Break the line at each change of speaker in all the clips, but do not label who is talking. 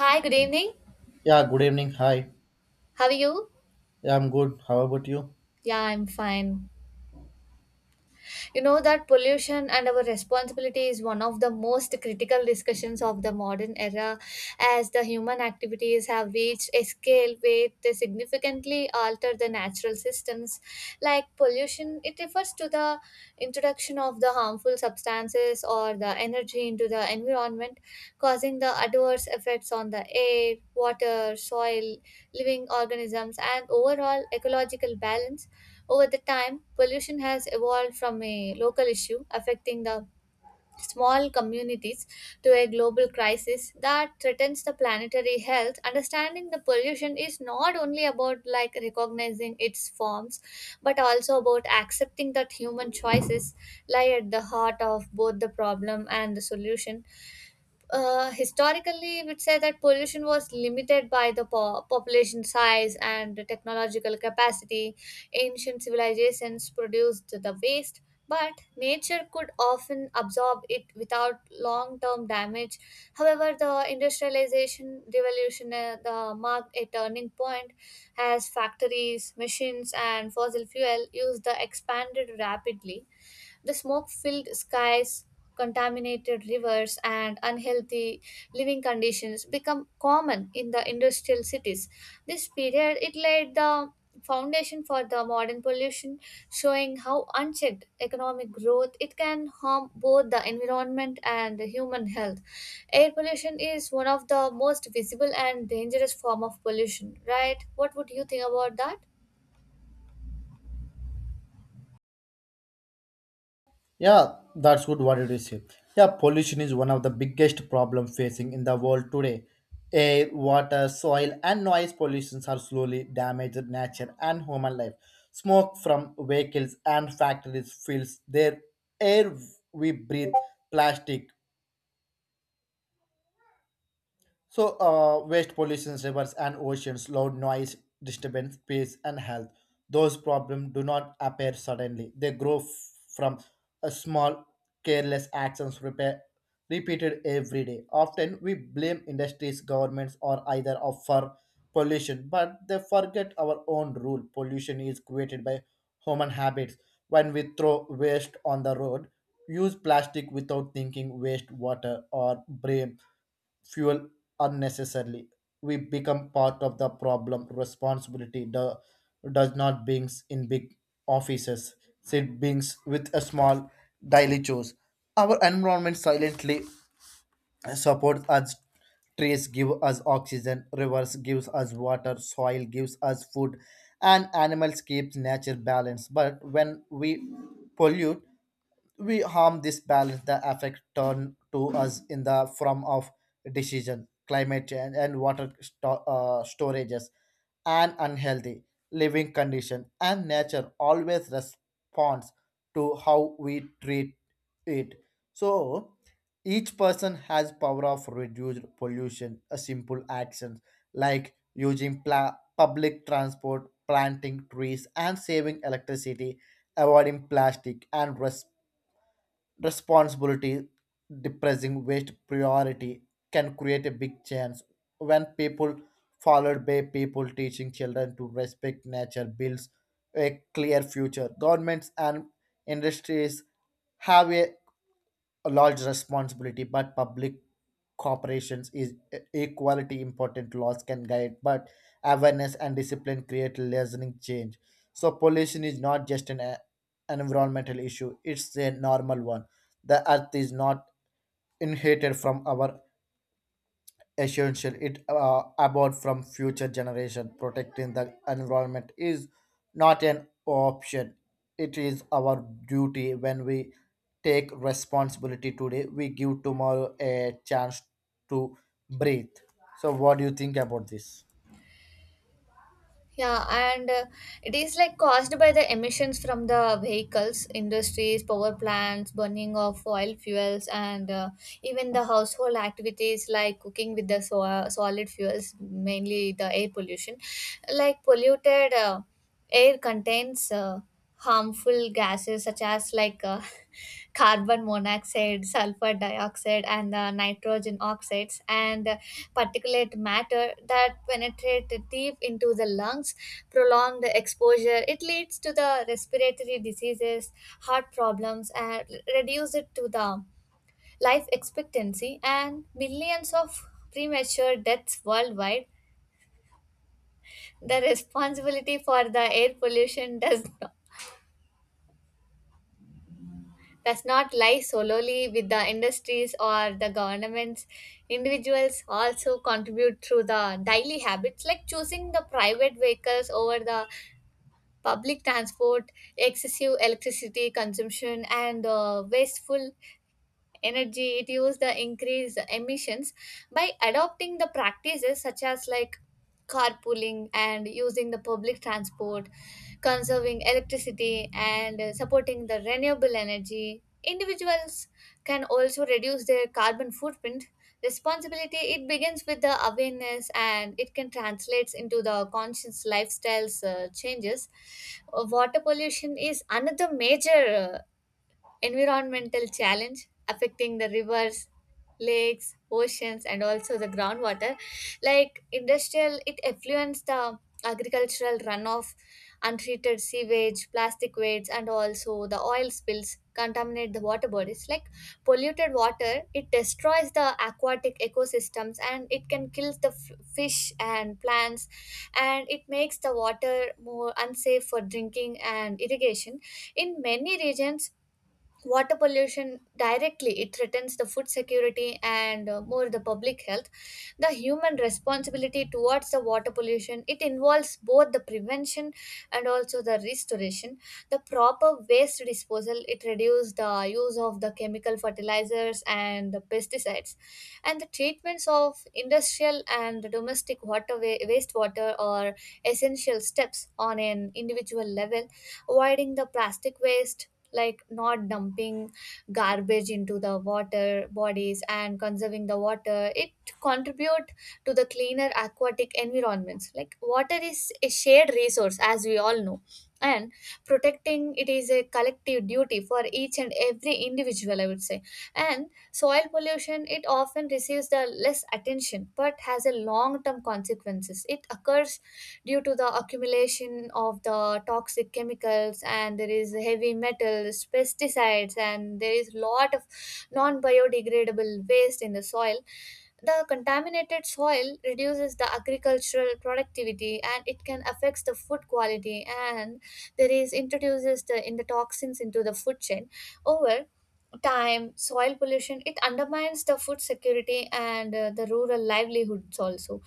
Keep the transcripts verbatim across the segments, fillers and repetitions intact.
Hi, good evening.
Yeah, good evening. Hi.
How are you?
Yeah, I'm good. How about you?
Yeah, I'm fine. You know that pollution and our responsibility is one of the most critical discussions of the modern era as the human activities have reached a scale where they significantly alter the natural systems. Like pollution, it refers to the introduction of the harmful substances or the energy into the environment, causing the adverse effects on the air, water, soil, living organisms, and overall ecological balance. Over the time, pollution has evolved from a local issue affecting the small communities to a global crisis that threatens the planetary health. Understanding the pollution is not only about like recognizing its forms, but also about accepting that human choices lie at the heart of both the problem and the solution. Uh, historically, we'd say that pollution was limited by the po- population size and the technological capacity. Ancient civilizations produced the waste, but nature could often absorb it without long term damage. However, the industrialization revolution uh, the marked a turning point as factories, machines, and fossil fuel used the expanded rapidly the smoke filled skies, contaminated rivers, and unhealthy living conditions become common in the industrial cities. This period it laid the foundation for the modern pollution, showing how unchecked economic growth it can harm both the environment and the human health. Air pollution is one of the most visible and dangerous form of pollution, right? What would you think about that?
Yeah, that's good. What did you say? Yeah, pollution is one of the biggest problem facing in the world today. Air, water, soil, and noise pollutions are slowly damaging nature and human life. Smoke from vehicles and factories fills their air we breathe. Plastic, So, uh, waste pollution, rivers and oceans, loud noise, disturbance, peace, and health. Those problems do not appear suddenly. They grow f- from a small, careless actions repair, repeated every day. Often, we blame industries, governments, or either of for pollution, but they forget our own rule. Pollution is created by human habits, when we throw waste on the road, use plastic without thinking, waste water or brain fuel unnecessarily. We become part of the problem. Responsibility do, does not brings in big offices. It brings with a small daily chores. Our environment silently support us, trees give us oxygen, rivers gives us water, soil gives us food, and animals keeps nature balanced. But when we pollute, we harm this balance. The affect turn to us in the form of decision, climate change, and water sto- uh, storages, and unhealthy living condition, and nature always responds to how we treat it. So each person has power of reduced pollution. A simple actions like using pla- public transport, planting trees, and saving electricity, avoiding plastic, and res- responsibility, depressing waste priority can create a big chance. When people followed by people teaching children to respect nature, builds a clear future. Governments and industries have a a large responsibility, but public corporations is equality important. Laws can guide, but awareness and discipline create lasting change. So pollution is not just an, a- an environmental issue; it's a normal one. The earth is not inherited from our essential, it uh, about from future generation. Protecting the environment is not an option, it is our duty. When we take responsibility today, we give tomorrow a chance to breathe. So what do you think about this?
Yeah, and uh, it is like caused by the emissions from the vehicles, industries, power plants, burning of oil fuels, and uh, even the household activities like cooking with the so- solid fuels, mainly the air pollution, like polluted. Uh, Air contains uh, harmful gases such as like uh, carbon monoxide, sulfur dioxide, and uh, nitrogen oxides, and uh, particulate matter that penetrate deep into the lungs. Prolonged exposure it leads to the respiratory diseases, heart problems, and reduce it to the life expectancy and millions of premature deaths worldwide. The responsibility for the air pollution does not does not lie solely with the industries or the governments. Individuals also contribute through the daily habits like choosing the private vehicles over the public transport, excessive electricity consumption, and uh, wasteful energy it use the increase emissions by adopting the practices such as like carpooling and using the public transport, conserving electricity and uh, supporting the renewable energy. Individuals can also reduce their carbon footprint. Responsibility it begins with the awareness and it can translates into the conscious lifestyles uh, changes. Uh, water pollution is another major uh, environmental challenge affecting the rivers, lakes, oceans and also the groundwater. Like industrial it affluents, the agricultural runoff, untreated sewage, plastic waste, and also the oil spills contaminate the water bodies. Like polluted water it destroys the aquatic ecosystems and it can kill the f- fish and plants, and it makes the water more unsafe for drinking and irrigation. In many regions, water pollution directly it threatens the food security and uh, more the public health. The human responsibility towards the water pollution it involves both the prevention and also the restoration. The proper waste disposal it reduces the use of the chemical fertilizers and the pesticides, and the treatments of industrial and the domestic water wa- wastewater are essential steps. On an individual level, avoiding the plastic waste, like not dumping garbage into the water bodies, and conserving the water it contribute to the cleaner aquatic environments. Like water is a shared resource, as we all know, and protecting it is a collective duty for each and every individual, I would say. And soil pollution it often receives the less attention but has a long term consequences. It occurs due to the accumulation of the toxic chemicals and there is heavy metals, pesticides, and there is lot of non biodegradable waste in the soil. The contaminated soil reduces the agricultural productivity and it can affects the food quality, and there is introduces the in the toxins into the food chain. Over time, soil pollution it undermines the food security and uh, the rural livelihoods also.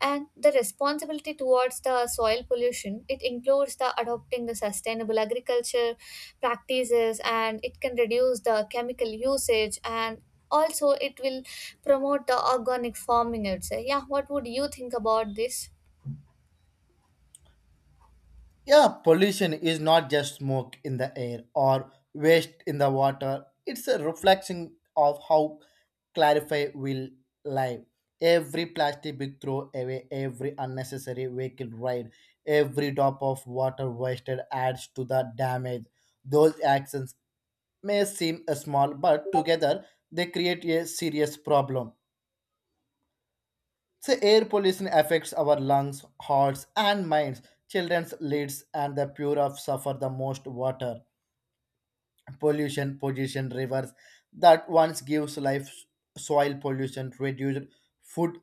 And the responsibility towards the soil pollution it includes the adopting the sustainable agriculture practices, and it can reduce the chemical usage, and also it will promote the organic farming, I would say. Yeah, what would you think about this?
Yeah, pollution is not just smoke in the air or waste in the water. It's a reflection of how clarify will live. Every plastic we throw away, every unnecessary vehicle ride, every drop of water wasted adds to the damage. Those actions may seem small, but together they create a serious problem. So air pollution affects our lungs, hearts, and minds. Children's lids and the pure of suffer the most. Water pollution. Pollution rivers that once gives life. Soil pollution reduced food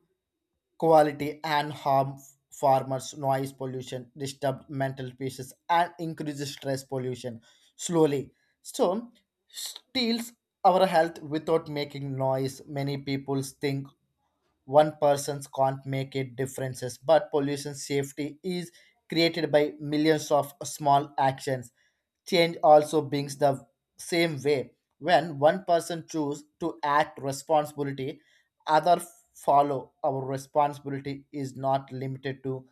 quality and harm farmers. Noise pollution disturbed mental peace and increases stress pollution. Slowly, so steals our health without making noise. Many people think one person can't make a differences, but pollution safety is created by millions of small actions. Change also brings the same way. When one person choose to act responsibility, other follow. Our responsibility is not limited to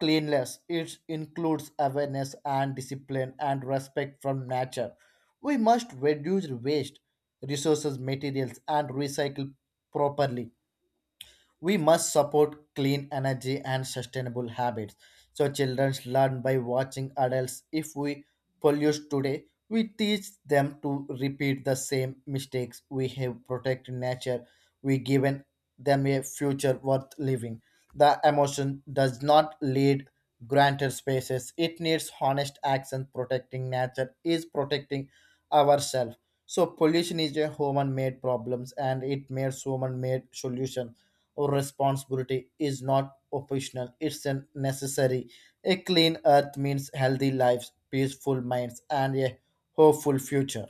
cleanliness. It includes awareness and discipline and respect from nature. We must reduce waste, resources, materials, and recycle properly. We must support clean energy and sustainable habits. So children learn by watching adults. If we pollute today, we teach them to repeat the same mistakes. We have protected nature, we given them a future worth living. The emotion does not lead granted spaces. It needs honest action. Protecting nature is protecting ourselves. So pollution is a human made problems and it makes human made solution. Or responsibility is not optional, it's a necessary. A clean earth means healthy lives, peaceful minds, and a hopeful future.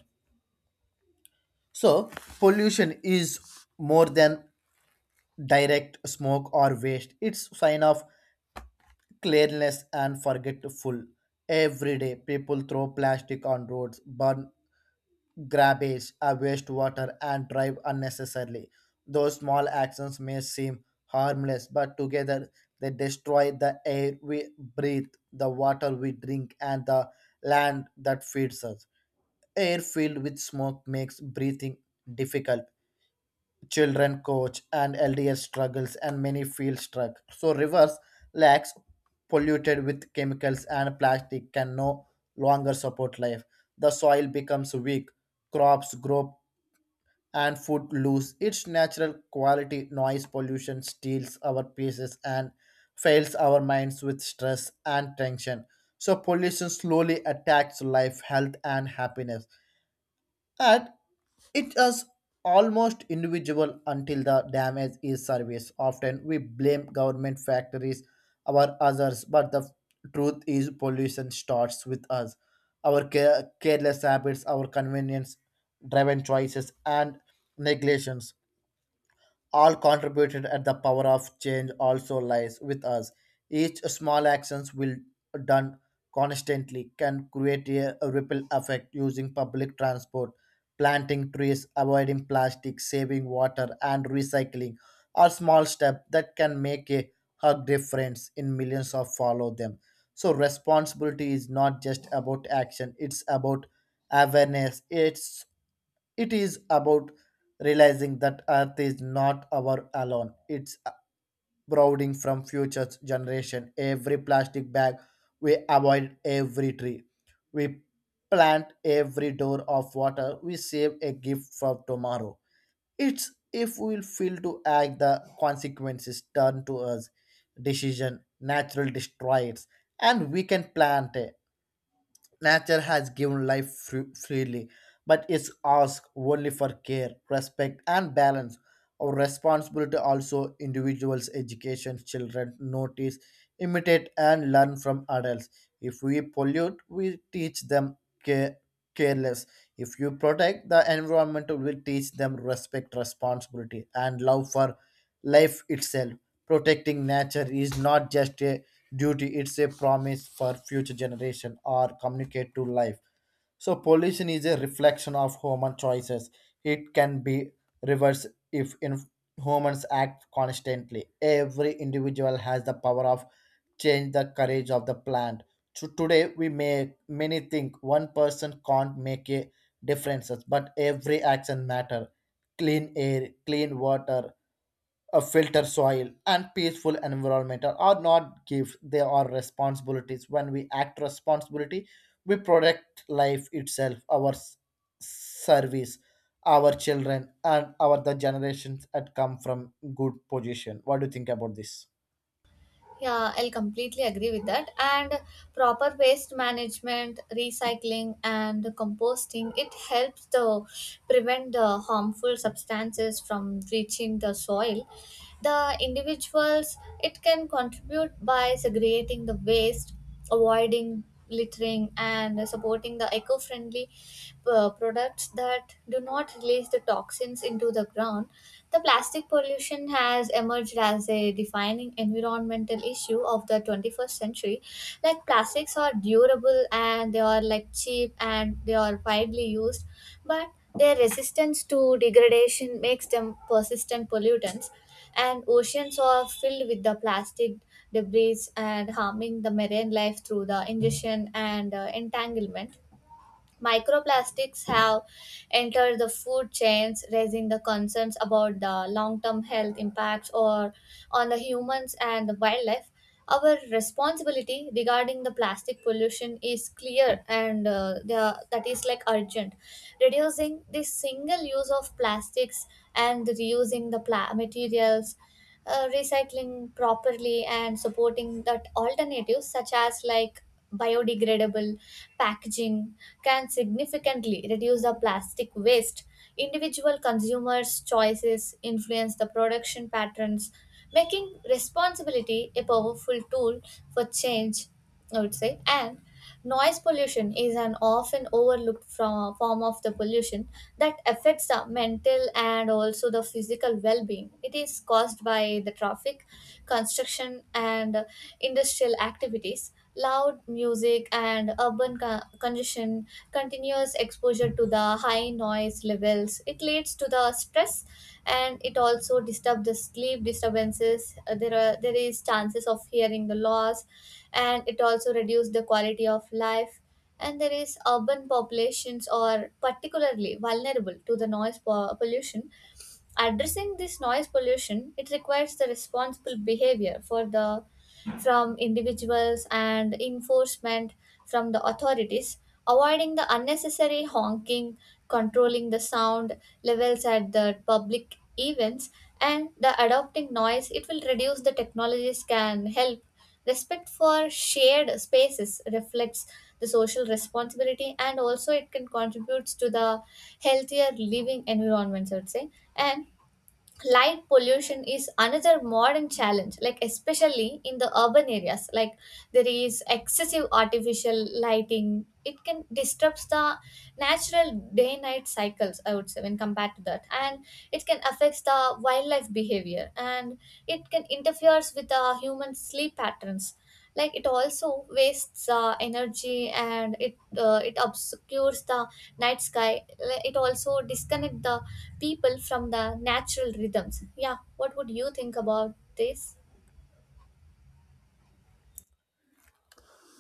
So pollution is more than direct smoke or waste. It's sign of cleanliness and forgetful. Every day people throw plastic on roads, burn garbage, uh, wastewater, and drive unnecessarily. Those small actions may seem harmless, but together they destroy the air we breathe, the water we drink, and the land that feeds us. Air filled with smoke makes breathing difficult. Children coach and L D S struggles, and many feel struck. So, rivers, lakes polluted with chemicals and plastic can no longer support life. The soil becomes weak, crops grow and food lose its natural quality. Noise pollution steals our pieces and fills our minds with stress and tension. So pollution slowly attacks life, health, and happiness, and it is almost individual until the damage is service. Often we blame government factories or others, but the truth is pollution starts with us. Our care- careless habits, our convenience driven choices, and neglections all contributed at the power of change also lies with us. Each small actions will done constantly can create a a ripple effect. Using public transport, planting trees, avoiding plastic, saving water, and recycling are small steps that can make a hug difference in millions of follow them. So responsibility is not just about action, it's about awareness. It's it is about realizing that Earth is not our alone. It's brooding from future generation. Every plastic bag we avoid, every tree we plant, every door of water we save a gift for tomorrow. It's if we'll fail to act, the consequences turn to us. Decision, natural destroyers, and we can plant. A Nature has given life fr- freely, but it's asked only for care, respect, and balance. Our responsibility also individuals, education, children notice, imitate, and learn from adults. If we pollute, we teach them care- careless. If you protect the environment, we will teach them respect, responsibility, and love for life itself. Protecting nature is not just a duty; it's a promise for future generation or communicate to life. So, pollution is a reflection of human choices. It can be reversed if in humans act constantly. Every individual has the power of change the courage of the plant. So today we make many think one person can't make a difference, but every action matter. Clean air, clean water, a filter soil, and peaceful environment are are not gifts, they are responsibilities. When we act responsibility, we protect life itself, our s- service, our children, and our the generations that come from good position. What do you think about this?
Yeah, I'll completely agree with that. And proper waste management, recycling, and composting it helps the prevent the harmful substances from reaching the soil. The individuals it can contribute by segregating the waste, avoiding littering, and supporting the eco-friendly uh, products that do not release the toxins into the ground. The plastic pollution has emerged as a defining environmental issue of the twenty-first century. Like plastics are durable and they are like cheap and they are widely used, but their resistance to degradation makes them persistent pollutants, and oceans are filled with the plastic debris and harming the marine life through the ingestion and uh, entanglement. Microplastics have entered the food chains, raising the concerns about the long term health impacts or on the humans and the wildlife. Our responsibility regarding the plastic pollution is clear and uh, the, that is like urgent. Reducing the single use of plastics and reusing the pla- materials, uh, recycling properly, and supporting that alternatives such as like biodegradable packaging can significantly reduce the plastic waste. Individual consumers' choices influence the production patterns, making responsibility a powerful tool for change, I would say. And noise pollution is an often overlooked from, form of the pollution that affects the mental and also the physical well-being. It is caused by the traffic, construction, and industrial activities, loud music, and urban co- congestion, continuous exposure to the high noise levels. It leads to the stress and it also disturbs the sleep disturbances. Uh, There are there is chances of hearing the loss, and it also reduces the quality of life. And there is urban populations are particularly vulnerable to the noise po- pollution. Addressing this noise pollution it requires the responsible behavior for the from individuals and enforcement from the authorities, avoiding the unnecessary honking, controlling the sound levels at the public events, and the adopting noise. It will reduce the technologies can help. Respect for shared spaces reflects the social responsibility and also it can contributes to the healthier living environments, I would say. And light pollution is another modern challenge, like especially in the urban areas. Like there is excessive artificial lighting it can disrupts the natural day night cycles, I would say, when compared to that, and it can affect the wildlife behavior, and it can interferes with uh, human sleep patterns. Like it also wastes uh, energy, and it uh, it obscures the night sky. Like, it also disconnect the people from the natural rhythms. Yeah, what would you think about this?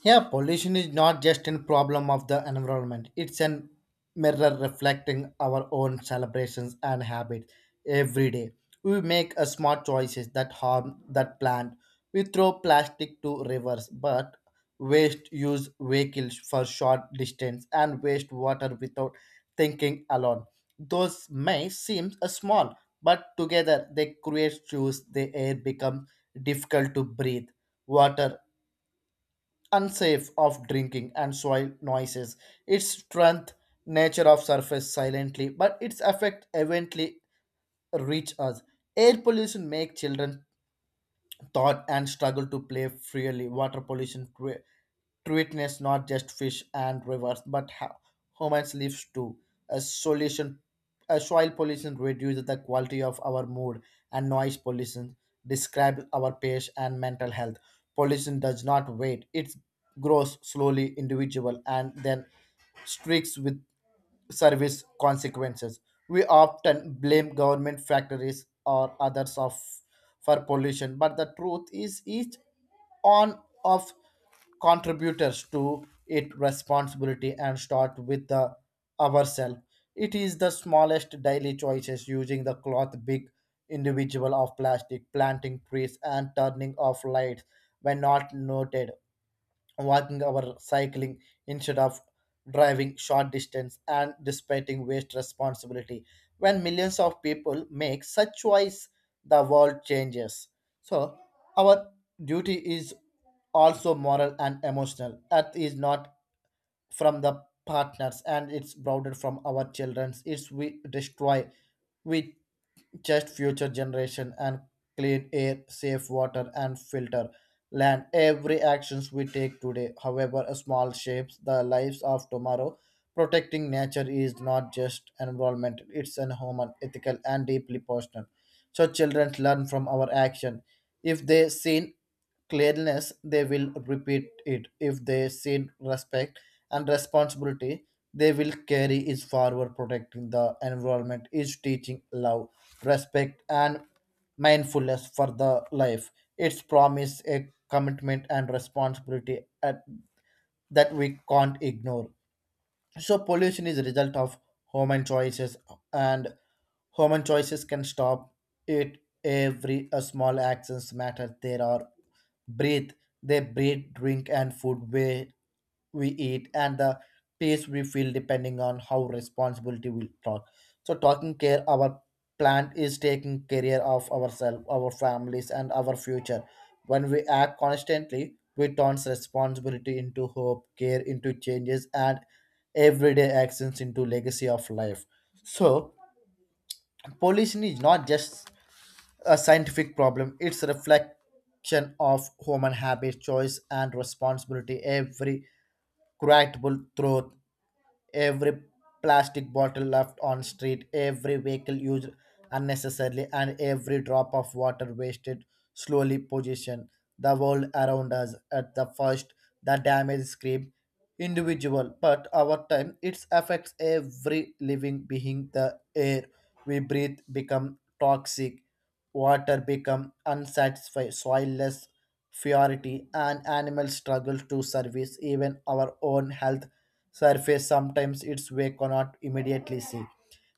Yeah, pollution is not just a problem of the environment. It's an mirror reflecting our own celebrations and habits every day. We make a smart choices that harm that plant. We throw plastic to rivers, but waste use vehicles for short distance and waste water without thinking alone. Those may seem a small, but together they create shoes. The air becomes difficult to breathe, water unsafe of drinking, and soil noises. Its strength, nature of surface silently, but its effect eventually reach us. Air pollution make children thought and struggle to play freely. Water pollution cre- treatments not just fish and rivers, but ha- humans lives too. A solution, a soil pollution reduces the quality of our mood, and noise pollution describes our pace and mental health. Pollution does not wait; it grows slowly, individual, and then streaks with service consequences. We often blame government factories or others of for pollution, but the truth is each on of contributors to it responsibility and start with the ourselves. It is the smallest daily choices, using the cloth big individual of plastic, planting trees, and turning off lights when not noted, walking or cycling instead of driving short distance and dissipating waste responsibility. When millions of people make such choice, the world changes. So our duty is also moral and emotional. Earth is not from the partners and it's bounded from our children. It's we destroy, we just future generation and clean air, safe water, and filter land. Every actions we take today, however small, shapes the lives of tomorrow. Protecting nature is not just environmental, it's an human, ethical, and deeply personal. So children learn from our action. If they seen clearness, they will repeat it. If they see respect and responsibility, they will carry is forward. Protecting the environment is teaching love, respect, and mindfulness for the life. It's promise, a commitment, and responsibility at, that we can't ignore. So pollution is a result of human choices, and human choices can stop it. Every a small actions matter. There are breathe, they breathe, drink, and food where we eat, and the peace we feel depending on how responsibility we talk. So taking care our plant is taking care of ourselves, our families, and our future. When we act constantly, we turns responsibility into hope, care into changes, and everyday actions into legacy of life. So pollution is not just a scientific problem; it's a reflection of human habit, choice, and responsibility. Every correctable truth, every plastic bottle left on street, every vehicle used unnecessarily, and every drop of water wasted slowly position the world around us. At the first, the damage scream individual, but over time it affects every living being. The air we breathe become toxic, water become unsatisfied, soilless purity, and animals struggle to service, even our own health surface sometimes its way cannot immediately see.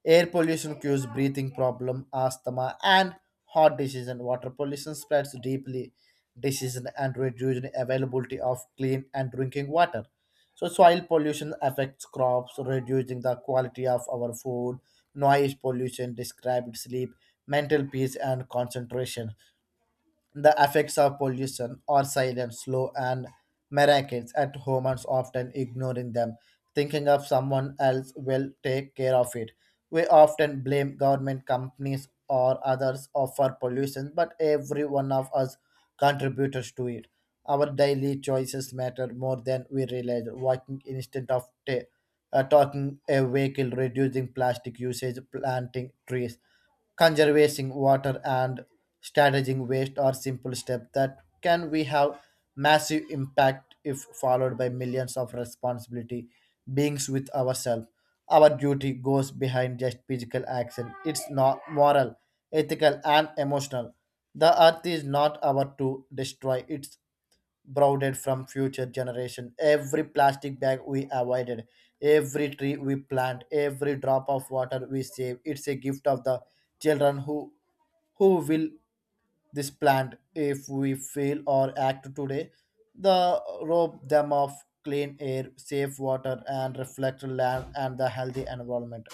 Air pollution cures breathing problem, asthma, and heart disease. And water pollution spreads deeply, disease and reducing availability of clean and drinking water. So soil pollution affects crops, reducing the quality of our food. Noise pollution described sleep, mental peace, and concentration. The effects of pollution are silent, slow, and miraculous at humans often ignoring them, thinking of someone else will take care of it. We often blame government companies or others for pollution, but every one of us contributors to it. Our daily choices matter more than we realize. Walking instead of ta- uh, talking a vehicle, reducing plastic usage, planting trees, conservation water, and strategizing waste are simple steps that can we have massive impact if followed by millions of responsibility beings with ourselves. Our duty goes behind just physical action. It's not moral, ethical, and emotional. The earth is not our to destroy, it's brooded from future generation. Every plastic bag we avoided, every tree we plant, every drop of water we save. It's a gift of the children who who will this plant if we fail or act today. The rob them of clean air, safe water, and reflect land and the healthy environment.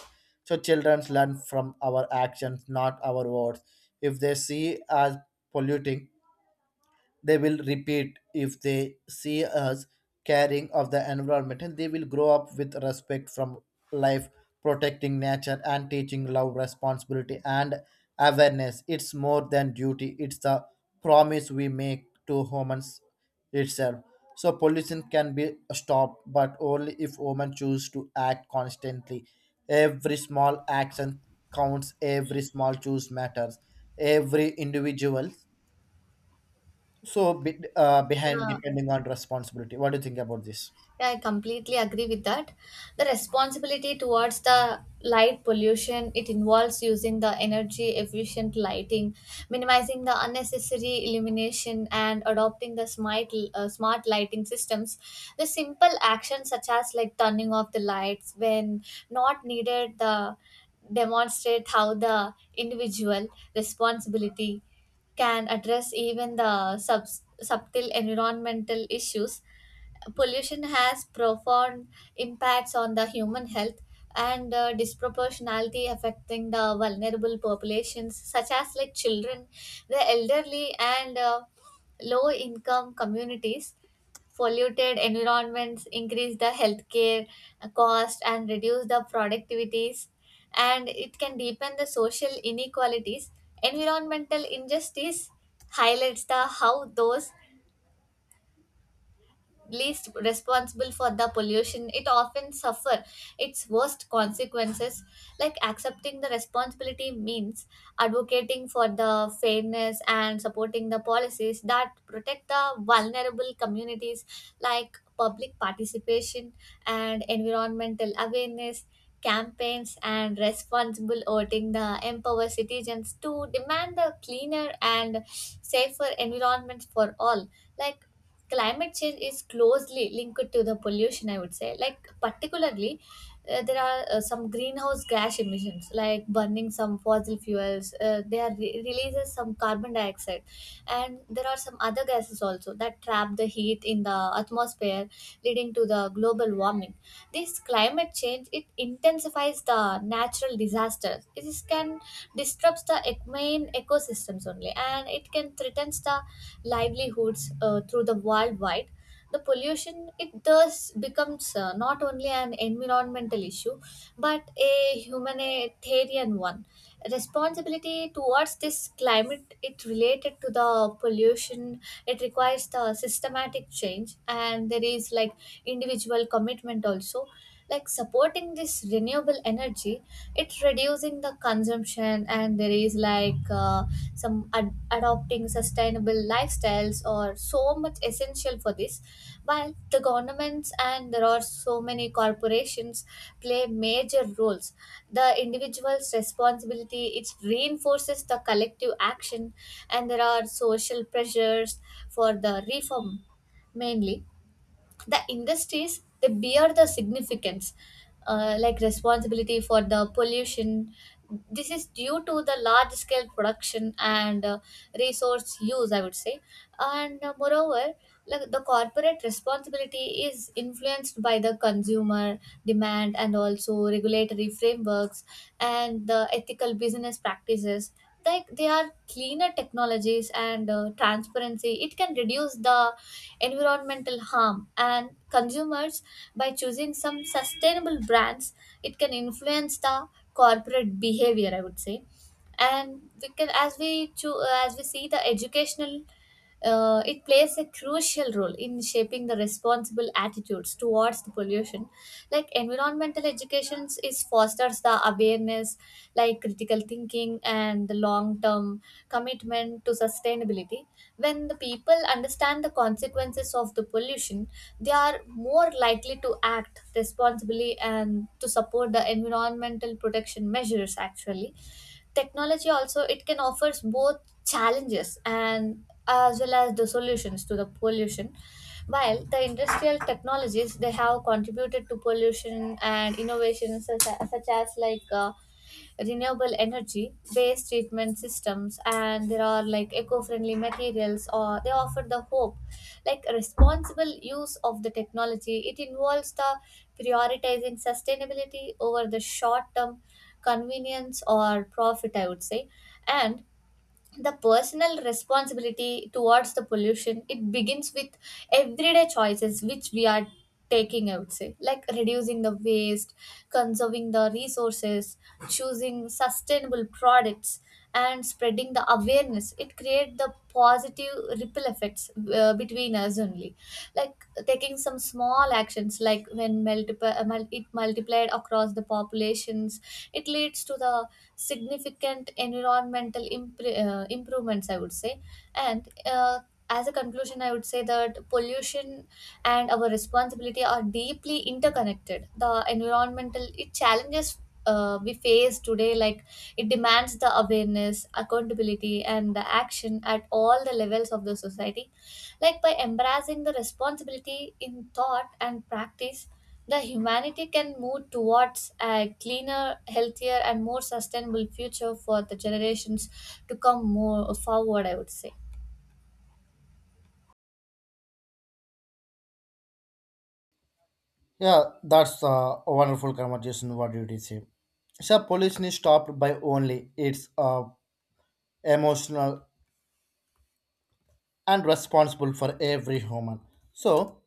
So children learn from our actions, not our words. If they see us polluting, they will repeat. If they see us caring of the environment, and they will grow up with respect from life. Protecting nature and teaching love, responsibility, and awareness, it's more than duty. It's the promise we make to humans itself. So pollution can be stopped, but only if women choose to act constantly. Every small action counts, every small choice matters, every individual. So be, uh, behind
Yeah.
depending on responsibility. What do you think about this?
Yeah, I completely agree with that. The responsibility towards the light pollution it involves using the energy efficient lighting, minimizing the unnecessary illumination, and adopting the smart uh, smart lighting systems. The simple actions such as like turning off the lights when not needed, the demonstrate how the individual responsibility can address even the sub- subtle environmental issues. Pollution has profound impacts on the human health and uh, disproportionality affecting the vulnerable populations such as like children, the elderly, and uh, low income communities. Polluted environments increase the healthcare cost and reduce the productivities, and it can deepen the social inequalities. Environmental injustice highlights the how those least responsible for the pollution it often suffer its worst consequences. Like accepting the responsibility means advocating for the fairness and supporting the policies that protect the vulnerable communities. Like public participation and environmental awareness campaigns and responsible voting the empower citizens to demand a cleaner and safer environment for all. Like climate change is closely linked to the pollution, I would say. Like particularly uh, there are uh, some greenhouse gas emissions like burning some fossil fuels uh, they are re- releases some carbon dioxide and there are some other gases also that trap the heat in the atmosphere, leading to the global warming. This climate change it intensifies the natural disasters. This can disrupts the ec- main ecosystems only, and it can threatens the livelihoods uh, through the worldwide. The pollution it does becomes uh, not only an environmental issue but a humanitarian one. Responsibility towards this climate it related to the pollution it requires the systematic change, and there is like individual commitment also, like supporting this renewable energy, it reducing the consumption, and there is like uh, some ad- adopting sustainable lifestyles or so much essential for this. While the governments and there are so many corporations play major roles, the individual's responsibility it reinforces the collective action, and there are social pressures for the reform. Mainly the industries they bear the significance uh, like responsibility for the pollution. This is due to the large scale production and uh, resource use, I would say. And uh, moreover, like the corporate responsibility is influenced by the consumer demand and also regulatory frameworks and the ethical business practices. Like they are cleaner technologies and uh, transparency it can reduce the environmental harm, and consumers, by choosing some sustainable brands, it can influence the corporate behavior, I would say. And we can, as we cho- uh, as we see, the educational uh, it plays a crucial role in shaping the responsible attitudes towards the pollution. Like environmental education is fosters the awareness, like critical thinking and the long term commitment to sustainability. When the people understand the consequences of the pollution, they are more likely to act responsibly and to support the environmental protection measures actually. Technology also it can offers both challenges and as well as the solutions to the pollution. While the industrial technologies they have contributed to pollution, and innovations such, such as like uh, renewable energy based treatment systems, and there are like eco-friendly materials or they offer the hope. Like responsible use of the technology it involves the prioritizing sustainability over the short term convenience or profit, I would say. And the personal responsibility towards the pollution it begins with everyday choices which we are taking, I would say. Like reducing the waste, conserving the resources, choosing sustainable products, and spreading the awareness it create the positive ripple effects uh, between us only. Like taking some small actions like when multiple it multiplied across the populations, it leads to the significant environmental impr- uh, improvements, I would say. And uh, as a conclusion, I would say that pollution and our responsibility are deeply interconnected. The environmental it challenges uh, we face today, like it demands the awareness, accountability, and the action at all the levels of the society. Like by embracing the responsibility in thought and practice, the humanity can move towards a cleaner, healthier, and more sustainable future for the generations to come more forward, I would say.
Yeah, that's a wonderful conversation. What did you did say? So pollution is stopped by only it's uh, emotional and responsible for every human. So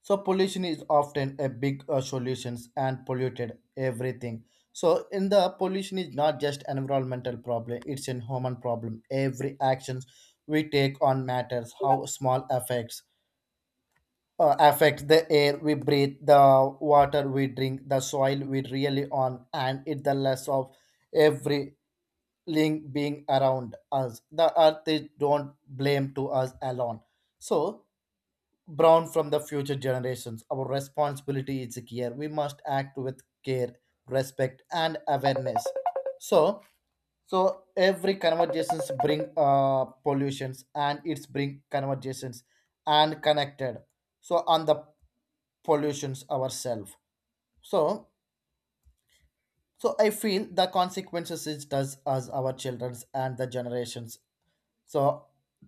so pollution is often a big uh, solutions and polluted everything. So in the pollution is not just environmental problem; it's a human problem. Every actions we take on matters how small affects uh, affect the air we breathe, the water we drink, the soil we really on, and it the less of every link being around us. The earth they don't blame to us alone. So brown from the future generations. Our responsibility is here. We must act with care, respect, and awareness. So so every conversations bring uh, pollutions and it's bring conversations and connected. So on the pollutions ourselves. So so I feel the consequences it does us, our children's, and the generations so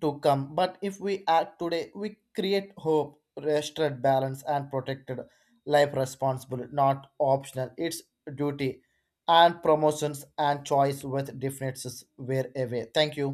to come. But if we act today, we create hope, restored balance, and protected life. Responsible not optional, it's duty and promotions and choice with differences were away. Thank you.